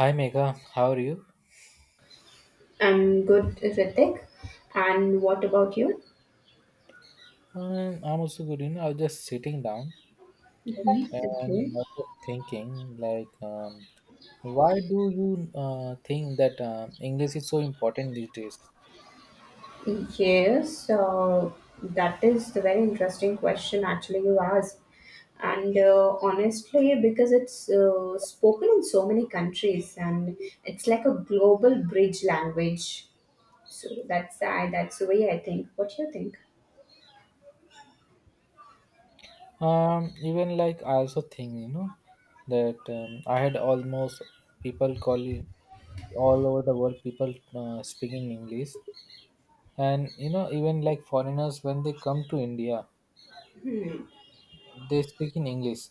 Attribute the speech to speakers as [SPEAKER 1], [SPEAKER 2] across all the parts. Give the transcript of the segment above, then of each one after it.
[SPEAKER 1] Hi Megha, how are you?
[SPEAKER 2] I'm good, Ritik. And what about you?
[SPEAKER 1] I'm also good. You know, I was just sitting down
[SPEAKER 2] Mhm. Okay.
[SPEAKER 1] and I was thinking, why do you think that English is so important these days?
[SPEAKER 2] Yes, that is a very interesting question actually you asked. And honestly, because it's spoken in so many countries, and it's like a global bridge language. So that's the way I think. What do you think?
[SPEAKER 1] Even like I also think, you know, that I had almost people call you all over the world, people speaking English, and you know, even like foreigners when they come to India, they speak in English.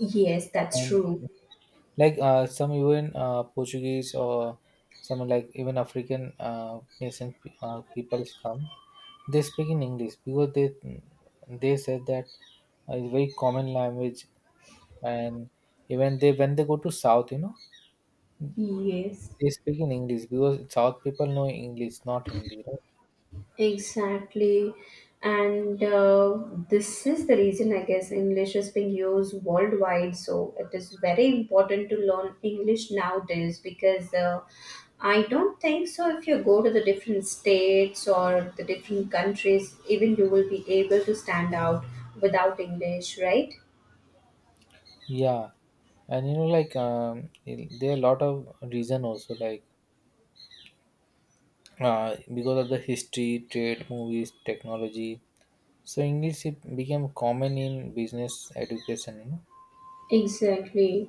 [SPEAKER 2] Yes, that's true.
[SPEAKER 1] And like some even Portuguese or some like even African people come. They speak in English because they said that it's very common language, and even they when they go to South, you know,
[SPEAKER 2] Yes.
[SPEAKER 1] they speak in English because South people know English, not Hindi, right?
[SPEAKER 2] Exactly. And this is the reason, I guess, English is being used worldwide. So it is very important to learn English nowadays because I don't think so. If you go to the different states or the different countries, even you will be able to stand out without English, right?
[SPEAKER 1] Yeah, and you know, there are a lot of reason also like because of the history, trade, movies, technology. So English it became common in business education.
[SPEAKER 2] Exactly.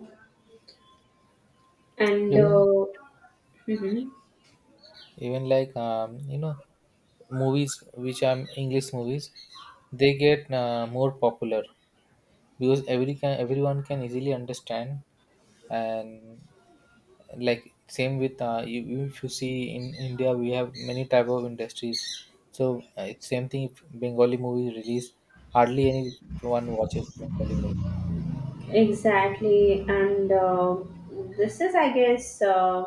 [SPEAKER 2] And
[SPEAKER 1] You know, even
[SPEAKER 2] mhm.
[SPEAKER 1] even you know movies which are English movies, they get more popular because everyone can easily understand, and like same with you, if you see in india we have many type of industries, so it's same thing if bengali movie is released, hardly anyone watches bengali movie.
[SPEAKER 2] Exactly. And uh, this is, I guess. Uh,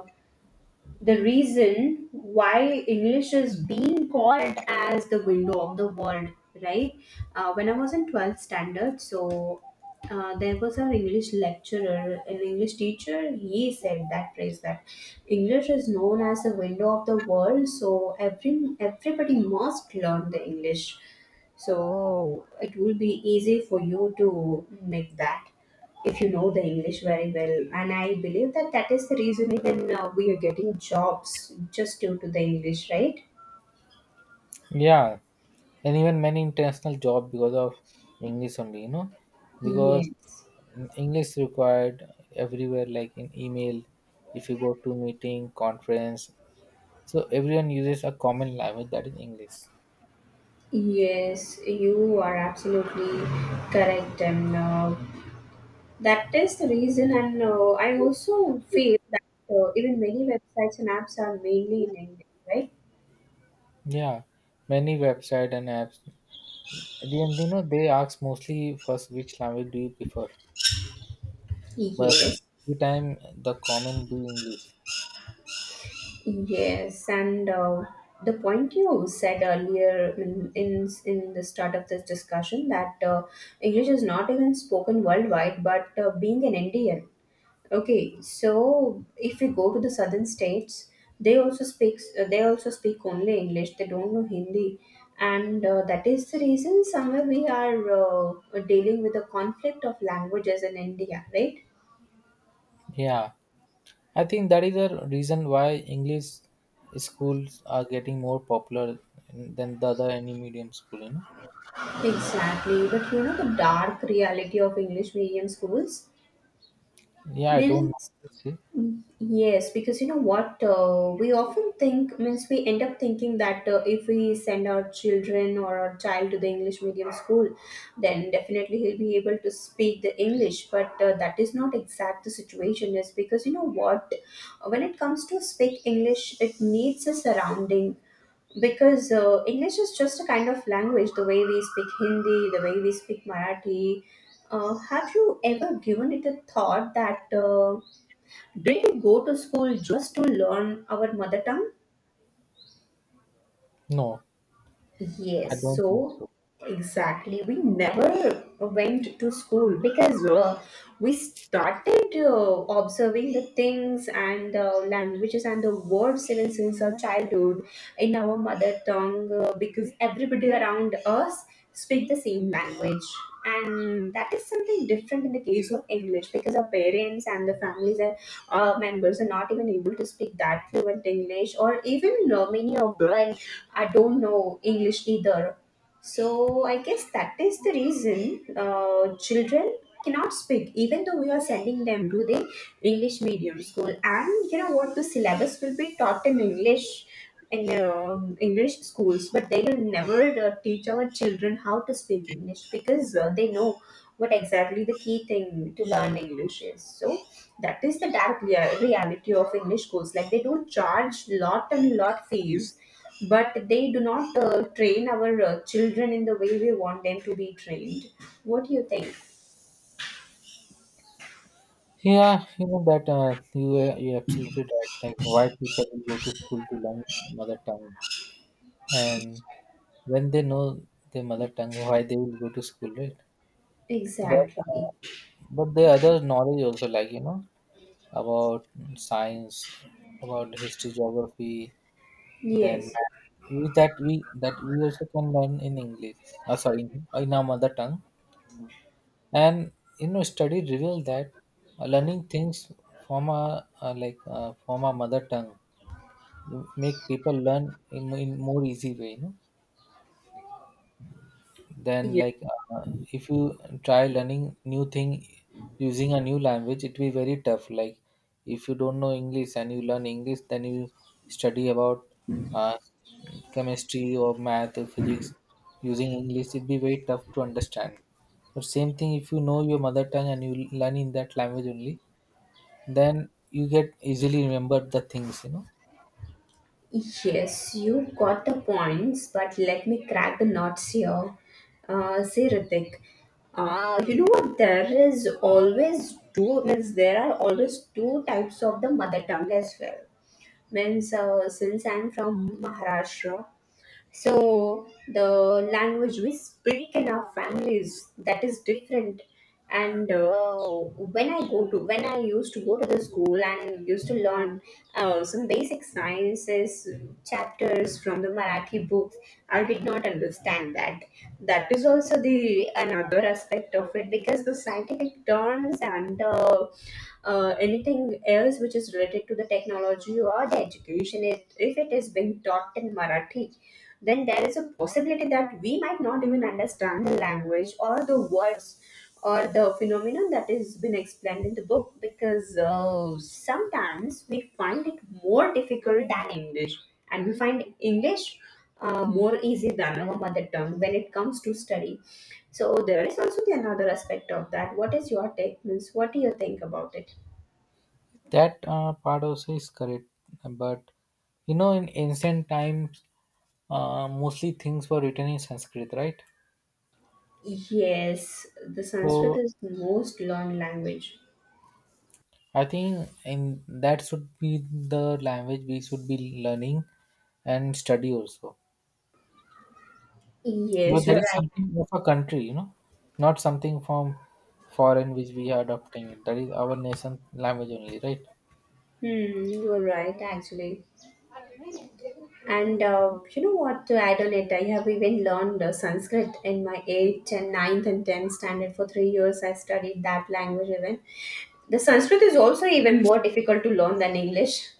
[SPEAKER 2] the reason why English is being called as the window of the world, right? When I was in 12th standard, so there was an English lecturer, an English teacher. He said that phrase that English is known as the window of the world, so everybody must learn the English. So it will be easy for you to make that if you know the English very well, and I believe that is the reason even we are getting jobs just due to the English, right?
[SPEAKER 1] Yeah, and even many international job because of english only, you know, because
[SPEAKER 2] Yes,
[SPEAKER 1] english is required everywhere like in email. If you go to meeting conference, so everyone uses a common language, that is english.
[SPEAKER 2] yes, you are absolutely correct, and that is the reason. And I also feel that even many websites and apps are mainly in English, right?
[SPEAKER 1] Yeah, many website and apps. At the end, you know, they ask mostly first which language do you prefer, but
[SPEAKER 2] Yes.
[SPEAKER 1] every time the comment be English.
[SPEAKER 2] Yes, and the point you said earlier in the start of this discussion, that English is not even spoken worldwide, but being an Indian, okay, so if we go to the southern states, they also speak only English. They don't know Hindi, and that is the reason somewhere we are dealing with a conflict of languages in India, right?
[SPEAKER 1] Yeah, I think that is the reason why English schools are getting more popular than the other any medium school. You know.
[SPEAKER 2] Exactly, but you know the dark reality of English medium schools.
[SPEAKER 1] Yeah, I don't know.
[SPEAKER 2] Means
[SPEAKER 1] Let's see?
[SPEAKER 2] yes, because you know what, we often think, means we end up thinking, that if we send our children or our child to the English medium school, then definitely he'll be able to speak the English. But that is not exact the situation is, because you know what, when it comes to speak English, it needs a surrounding. Because English is just a kind of language, the way we speak Hindi, the way we speak Marathi. Have you ever given it a thought that? Do you go to school just to learn our mother tongue?
[SPEAKER 1] No, I
[SPEAKER 2] Yes,
[SPEAKER 1] don't think
[SPEAKER 2] so
[SPEAKER 1] so.
[SPEAKER 2] exactly. We never went to school because we started observing the things and languages and the words even since our childhood in our mother tongue, because everybody around us speak the same language. And that is something different in the case of English, because our parents and the families are members are not even able to speak that fluent English, or even many of them I don't know English either. So I guess that is the reason children cannot speak, even though we are sending them to the English medium school. And you know what? The syllabus will be taught in English schools, but they will never teach our children how to speak English, because they know what exactly the key thing to learn English is. So that is the reality of English schools. Like they do charge lot and lot fees, but they do not train our children in the way we want them to be trained. What do you think?
[SPEAKER 1] Yeah, you know that you you absolutely right. Like why people will go to school to learn mother tongue, and when they know their mother tongue, why they will go to school, right? But uh,
[SPEAKER 2] Exactly.
[SPEAKER 1] but the other knowledge also like you know about science, about history, geography, then
[SPEAKER 2] Yes.
[SPEAKER 1] math. That we also can learn in English. Sorry, in our mother tongue. And you know, study reveal that learning things from our from our mother tongue make people learn in more easy way. You know. Then like if you try learning new thing using a new language, it will be very tough. Like if you don't know english and you learn english, then you study about uh, chemistry or math or physics using english, it'd be very tough to understand. But same thing, if you know your mother tongue and you learn in that language only, then you get easily remember the things, you know.
[SPEAKER 2] Yes, you got the points, but let me crack the nuts here. Say, Ritik, you know what? There is always two. Means there are always two types of the mother tongue as well, means since I'm from Maharashtra, so the language we speak in our families, that is different. And uh, when I used to go to the school and used to learn some basic sciences chapters from the Marathi books, I did not understand that. That is also the another aspect of it, because the scientific terms and anything else which is related to the technology or the education, it, if it is being taught in Marathi, then there is a possibility that we might not even understand the language or the words or the phenomenon that is been explained in the book, because sometimes we find it more difficult than English, and we find English more easy than our mother tongue when it comes to study. So there is also the another aspect of that. What is your take, Miss? What do you think about it?
[SPEAKER 1] That part also is correct, but you know, in ancient times, mostly things were written in Sanskrit, right?
[SPEAKER 2] Yes, the Sanskrit
[SPEAKER 1] So
[SPEAKER 2] is the most learned language.
[SPEAKER 1] I think in that should be the language we should be learning and study also. But
[SPEAKER 2] Yes, you
[SPEAKER 1] that
[SPEAKER 2] are
[SPEAKER 1] is
[SPEAKER 2] right.
[SPEAKER 1] something of a country, you know, not something from foreign which we are adopting. That is our nation language only, right?
[SPEAKER 2] Hmm, you are right, actually. And you know what? To add on it, I have even learned Sanskrit in my 8th and ninth and 10th standard. For 3 years, I studied that language even. The Sanskrit is also even more difficult to learn than English.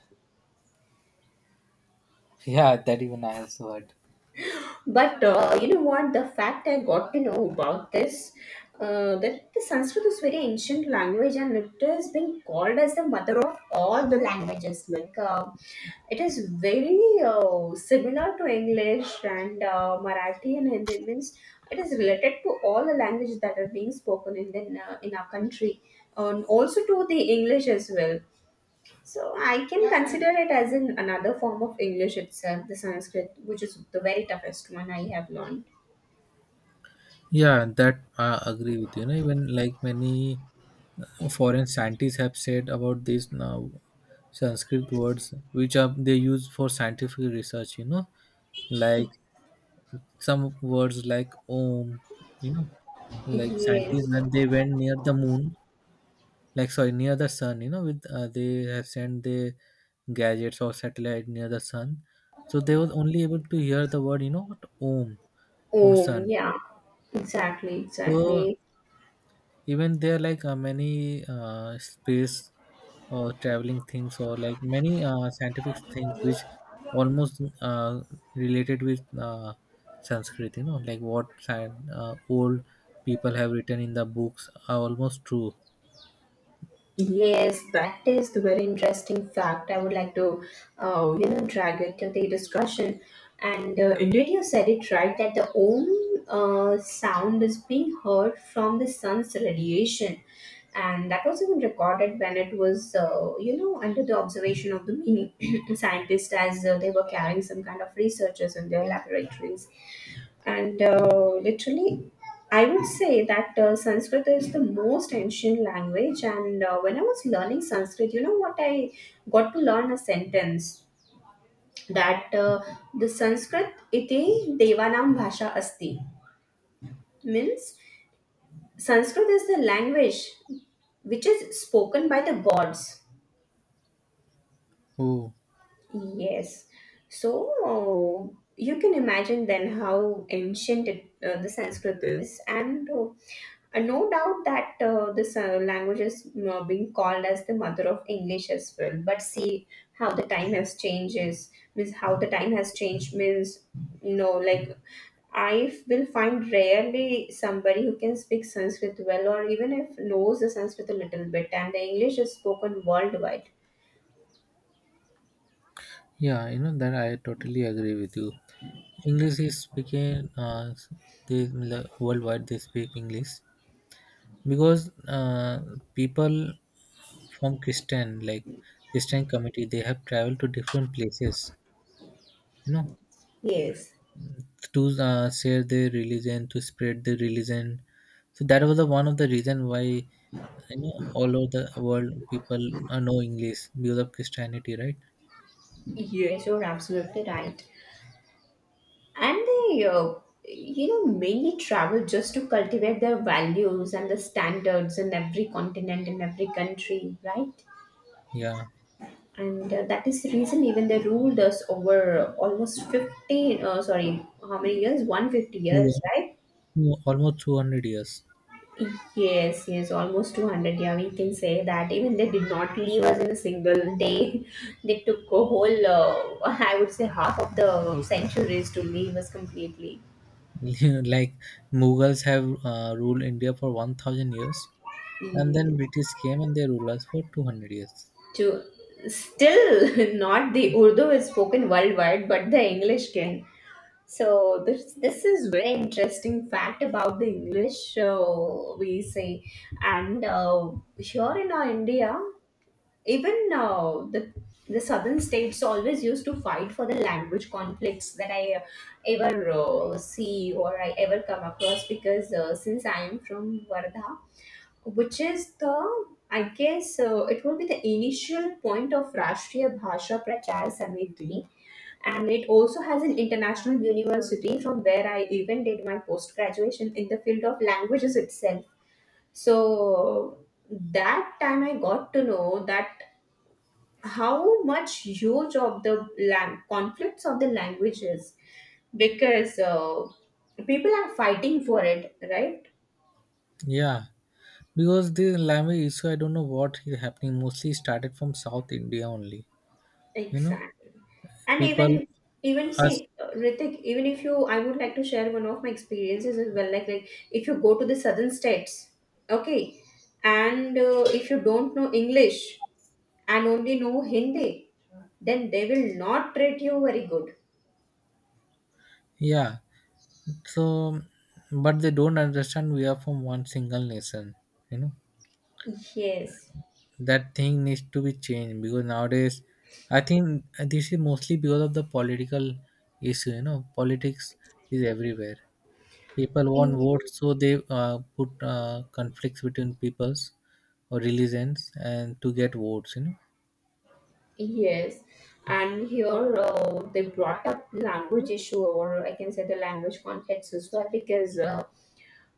[SPEAKER 1] Yeah, that even I also heard.
[SPEAKER 2] But you know what? The fact I got to know about this, that the Sanskrit is very ancient language, and it has been called as the mother of all the languages. Like it is very similar to English and Marathi and Hindi. Means it is related to all the languages that are being spoken in our country, and also to the English as well. So I can consider it as an another form of English itself, the Sanskrit, which is the very toughest one I have learned.
[SPEAKER 1] Yeah, that I agree with you. Know, even like many foreign scientists have said about this now, Sanskrit words which are they use for scientific research. You know, like some words like Om. You know, like scientists
[SPEAKER 2] Yes.
[SPEAKER 1] when they went near the moon, like sorry near the sun. You know, with they have sent their gadgets or satellite near the sun, so they was only able to hear the word. You know, what Om from
[SPEAKER 2] Oh,
[SPEAKER 1] sun.
[SPEAKER 2] yeah. Exactly,
[SPEAKER 1] So
[SPEAKER 2] exactly.
[SPEAKER 1] even there like many space or traveling things or like many scientific things which almost related with sanskrit, you know, like what old people have written in the books are almost true.
[SPEAKER 2] Yes, that is the very interesting fact. I would like to, you know, drag it to the discussion. And indeed, you said it right, that the own sound is being heard from the sun's radiation, and that was even recorded when it was, you know, under the observation of the many scientists as they were carrying some kind of researches in their laboratories, and literally I would say that Sanskrit is the most ancient language. And when I was learning Sanskrit, you know what, I got to learn a sentence that the Sanskrit iti devanam bhasha asti means Sanskrit is the language which is spoken by the gods.
[SPEAKER 1] Oh
[SPEAKER 2] Yes. So you can imagine then how ancient the Sanskrit is, and no doubt that this language is being called as the mother of English as well. But see how the time has changes. Means how the time has changed, means you know, like, I will find rarely somebody who can speak Sanskrit well, or even if knows the Sanskrit a little bit, and the English is spoken worldwide.
[SPEAKER 1] yeah, you know that I totally agree with you. English is speaking they worldwide they speak english because people from Christian like Christian community they have traveled to different places, you know,
[SPEAKER 2] Yes.
[SPEAKER 1] to share their religion, to spread their religion. So that was the one of the reason why, you know, all over the world people know English because of Christianity, right?
[SPEAKER 2] Yes, you're absolutely right. And they, you know, mainly travel just to cultivate their values and the standards in every continent, in every country, right?
[SPEAKER 1] Yeah,
[SPEAKER 2] And that is the reason even they ruled us over almost 15, sorry, how many years? 150
[SPEAKER 1] two,
[SPEAKER 2] years, right?
[SPEAKER 1] almost 200 years.
[SPEAKER 2] Yes, yes, almost 200. Yeah, we can say that. Even they did not leave us in a single day. They took a whole, I would say, half of the centuries to leave us completely.
[SPEAKER 1] Like Mughals have ruled India for 1000 years, and then
[SPEAKER 2] Yes.
[SPEAKER 1] British came and they ruled us for 200 years.
[SPEAKER 2] To still not the Urdu is spoken worldwide, but the English can. So this is very interesting fact about the English we say, and here in our India, even uh, the southern states always used to fight for the language conflicts that I ever see or I ever come across, because since I am from Vardha, which is the, I guess, it will be the initial point of Rashtriya Bhasha Prachar Samiti, and it also has an international university from where I even did my post graduation in the field of languages itself. So that time I got to know that how much huge of the conflicts of the languages, because people are fighting for it, right?
[SPEAKER 1] Yeah, because the language issue, I don't know what is happening, mostly started from south india only, you know.
[SPEAKER 2] Exactly. And
[SPEAKER 1] People
[SPEAKER 2] even
[SPEAKER 1] us.
[SPEAKER 2] see, Ritik, even if you, I would like to share one of my experiences as well. Like, if you go to the southern states, okay, and if you don't know English and only know Hindi, then they will not treat you very good.
[SPEAKER 1] Yeah, so but they don't understand we are from one single nation, you know,
[SPEAKER 2] Yes.
[SPEAKER 1] that thing needs to be changed because nowadays I think this is mostly because of the political issue, you know, politics is everywhere, people want
[SPEAKER 2] Yeah.
[SPEAKER 1] votes, so they put conflicts between peoples or religions and to get votes, you know.
[SPEAKER 2] Yes, and here they brought up language issue, or I can say the language conflicts as well, because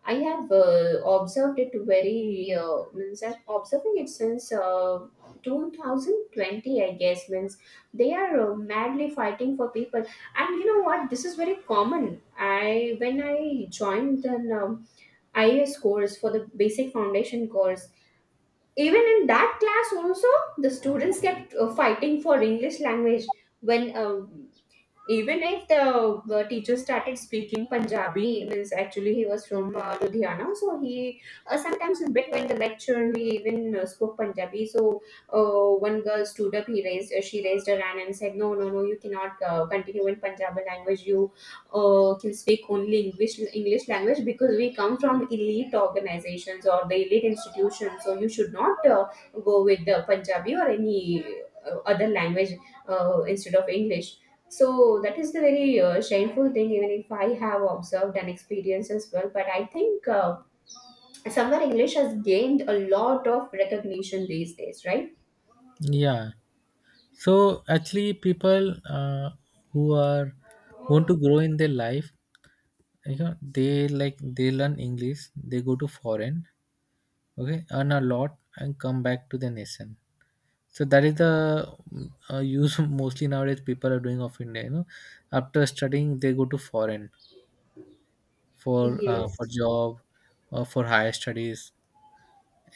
[SPEAKER 2] I have observed it very means I'm observing it since 2020, I guess. Means they are madly fighting for people, and you know what? This is very common. I when I joined an IAS course for the basic foundation course, even in that class also, the students kept fighting for English language when. Even if the teacher started speaking Punjabi, means actually he was from Ludhiana, so he sometimes in between the lecture he even spoke Punjabi. So one girl stood up, he raised she raised her hand and said, "No, no, no, you cannot continue in Punjabi language. You can speak only English language, because we come from elite organizations or the elite institutions. So you should not go with the Punjabi or any other language instead of English. So that is the very shameful thing. Even if I have observed and experienced as well, but I think somewhere English has gained a lot of recognition these days, right?
[SPEAKER 1] Yeah, so actually people who are want to grow in their life, you know, they like they learn english, they go to foreign, okay, earn a lot and come back to the nation. So that is the use mostly nowadays people are doing of india, you know. After studying they go to foreign for
[SPEAKER 2] Yes,
[SPEAKER 1] job or for higher studies,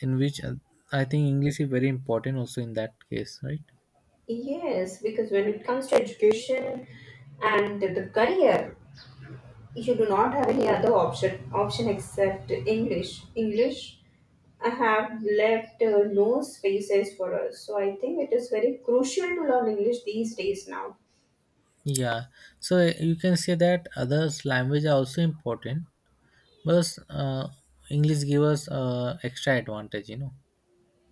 [SPEAKER 1] in which I think english is very important also in that case, right?
[SPEAKER 2] yes, because when it comes to education and the career, you do not have any other option except English. I have left no spaces for us, so I think it is very crucial to learn English these days now.
[SPEAKER 1] Yeah, so you can say that others language are also important, but English give us extra advantage, you know.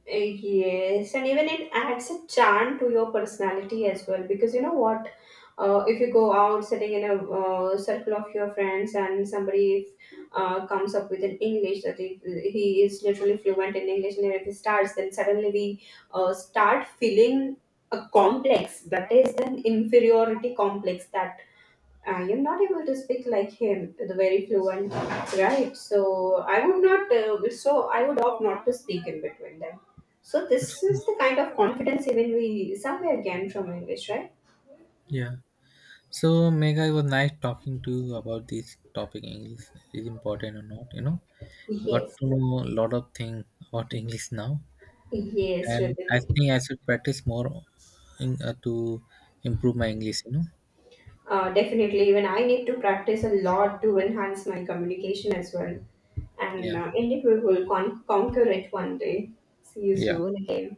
[SPEAKER 2] Yes, and even it adds a charm to your personality as well, because you know what? If you go out sitting in a circle of your friends, and somebody comes up with an English that he is literally fluent in English, and if he starts, then suddenly we start feeling a complex, that is an inferiority complex, that I am not able to speak like him, the very fluent, right? So I would opt not to speak in between them. So this is the kind of confidence even we somewhere gain from English, right?
[SPEAKER 1] Yeah. So Mega, it was nice talking to you about this topic. English is important or not, you know. Got
[SPEAKER 2] Yes,
[SPEAKER 1] to know a lot of things about English now,
[SPEAKER 2] yes,
[SPEAKER 1] and I
[SPEAKER 2] Ritik.
[SPEAKER 1] think I should practice more to improve my English, you know.
[SPEAKER 2] Definitely, even I need to practice a lot to enhance my communication as well. And
[SPEAKER 1] Yeah,
[SPEAKER 2] indeed, we will conquer it one day. See you
[SPEAKER 1] yeah,
[SPEAKER 2] soon again.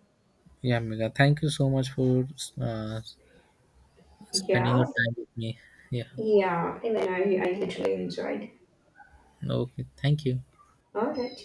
[SPEAKER 1] yeah, Mega. Thank you so much for uh, spending your
[SPEAKER 2] Yeah,
[SPEAKER 1] time with me. Yeah.
[SPEAKER 2] yeah, even I literally enjoyed.
[SPEAKER 1] Okay. Thank you.
[SPEAKER 2] All right.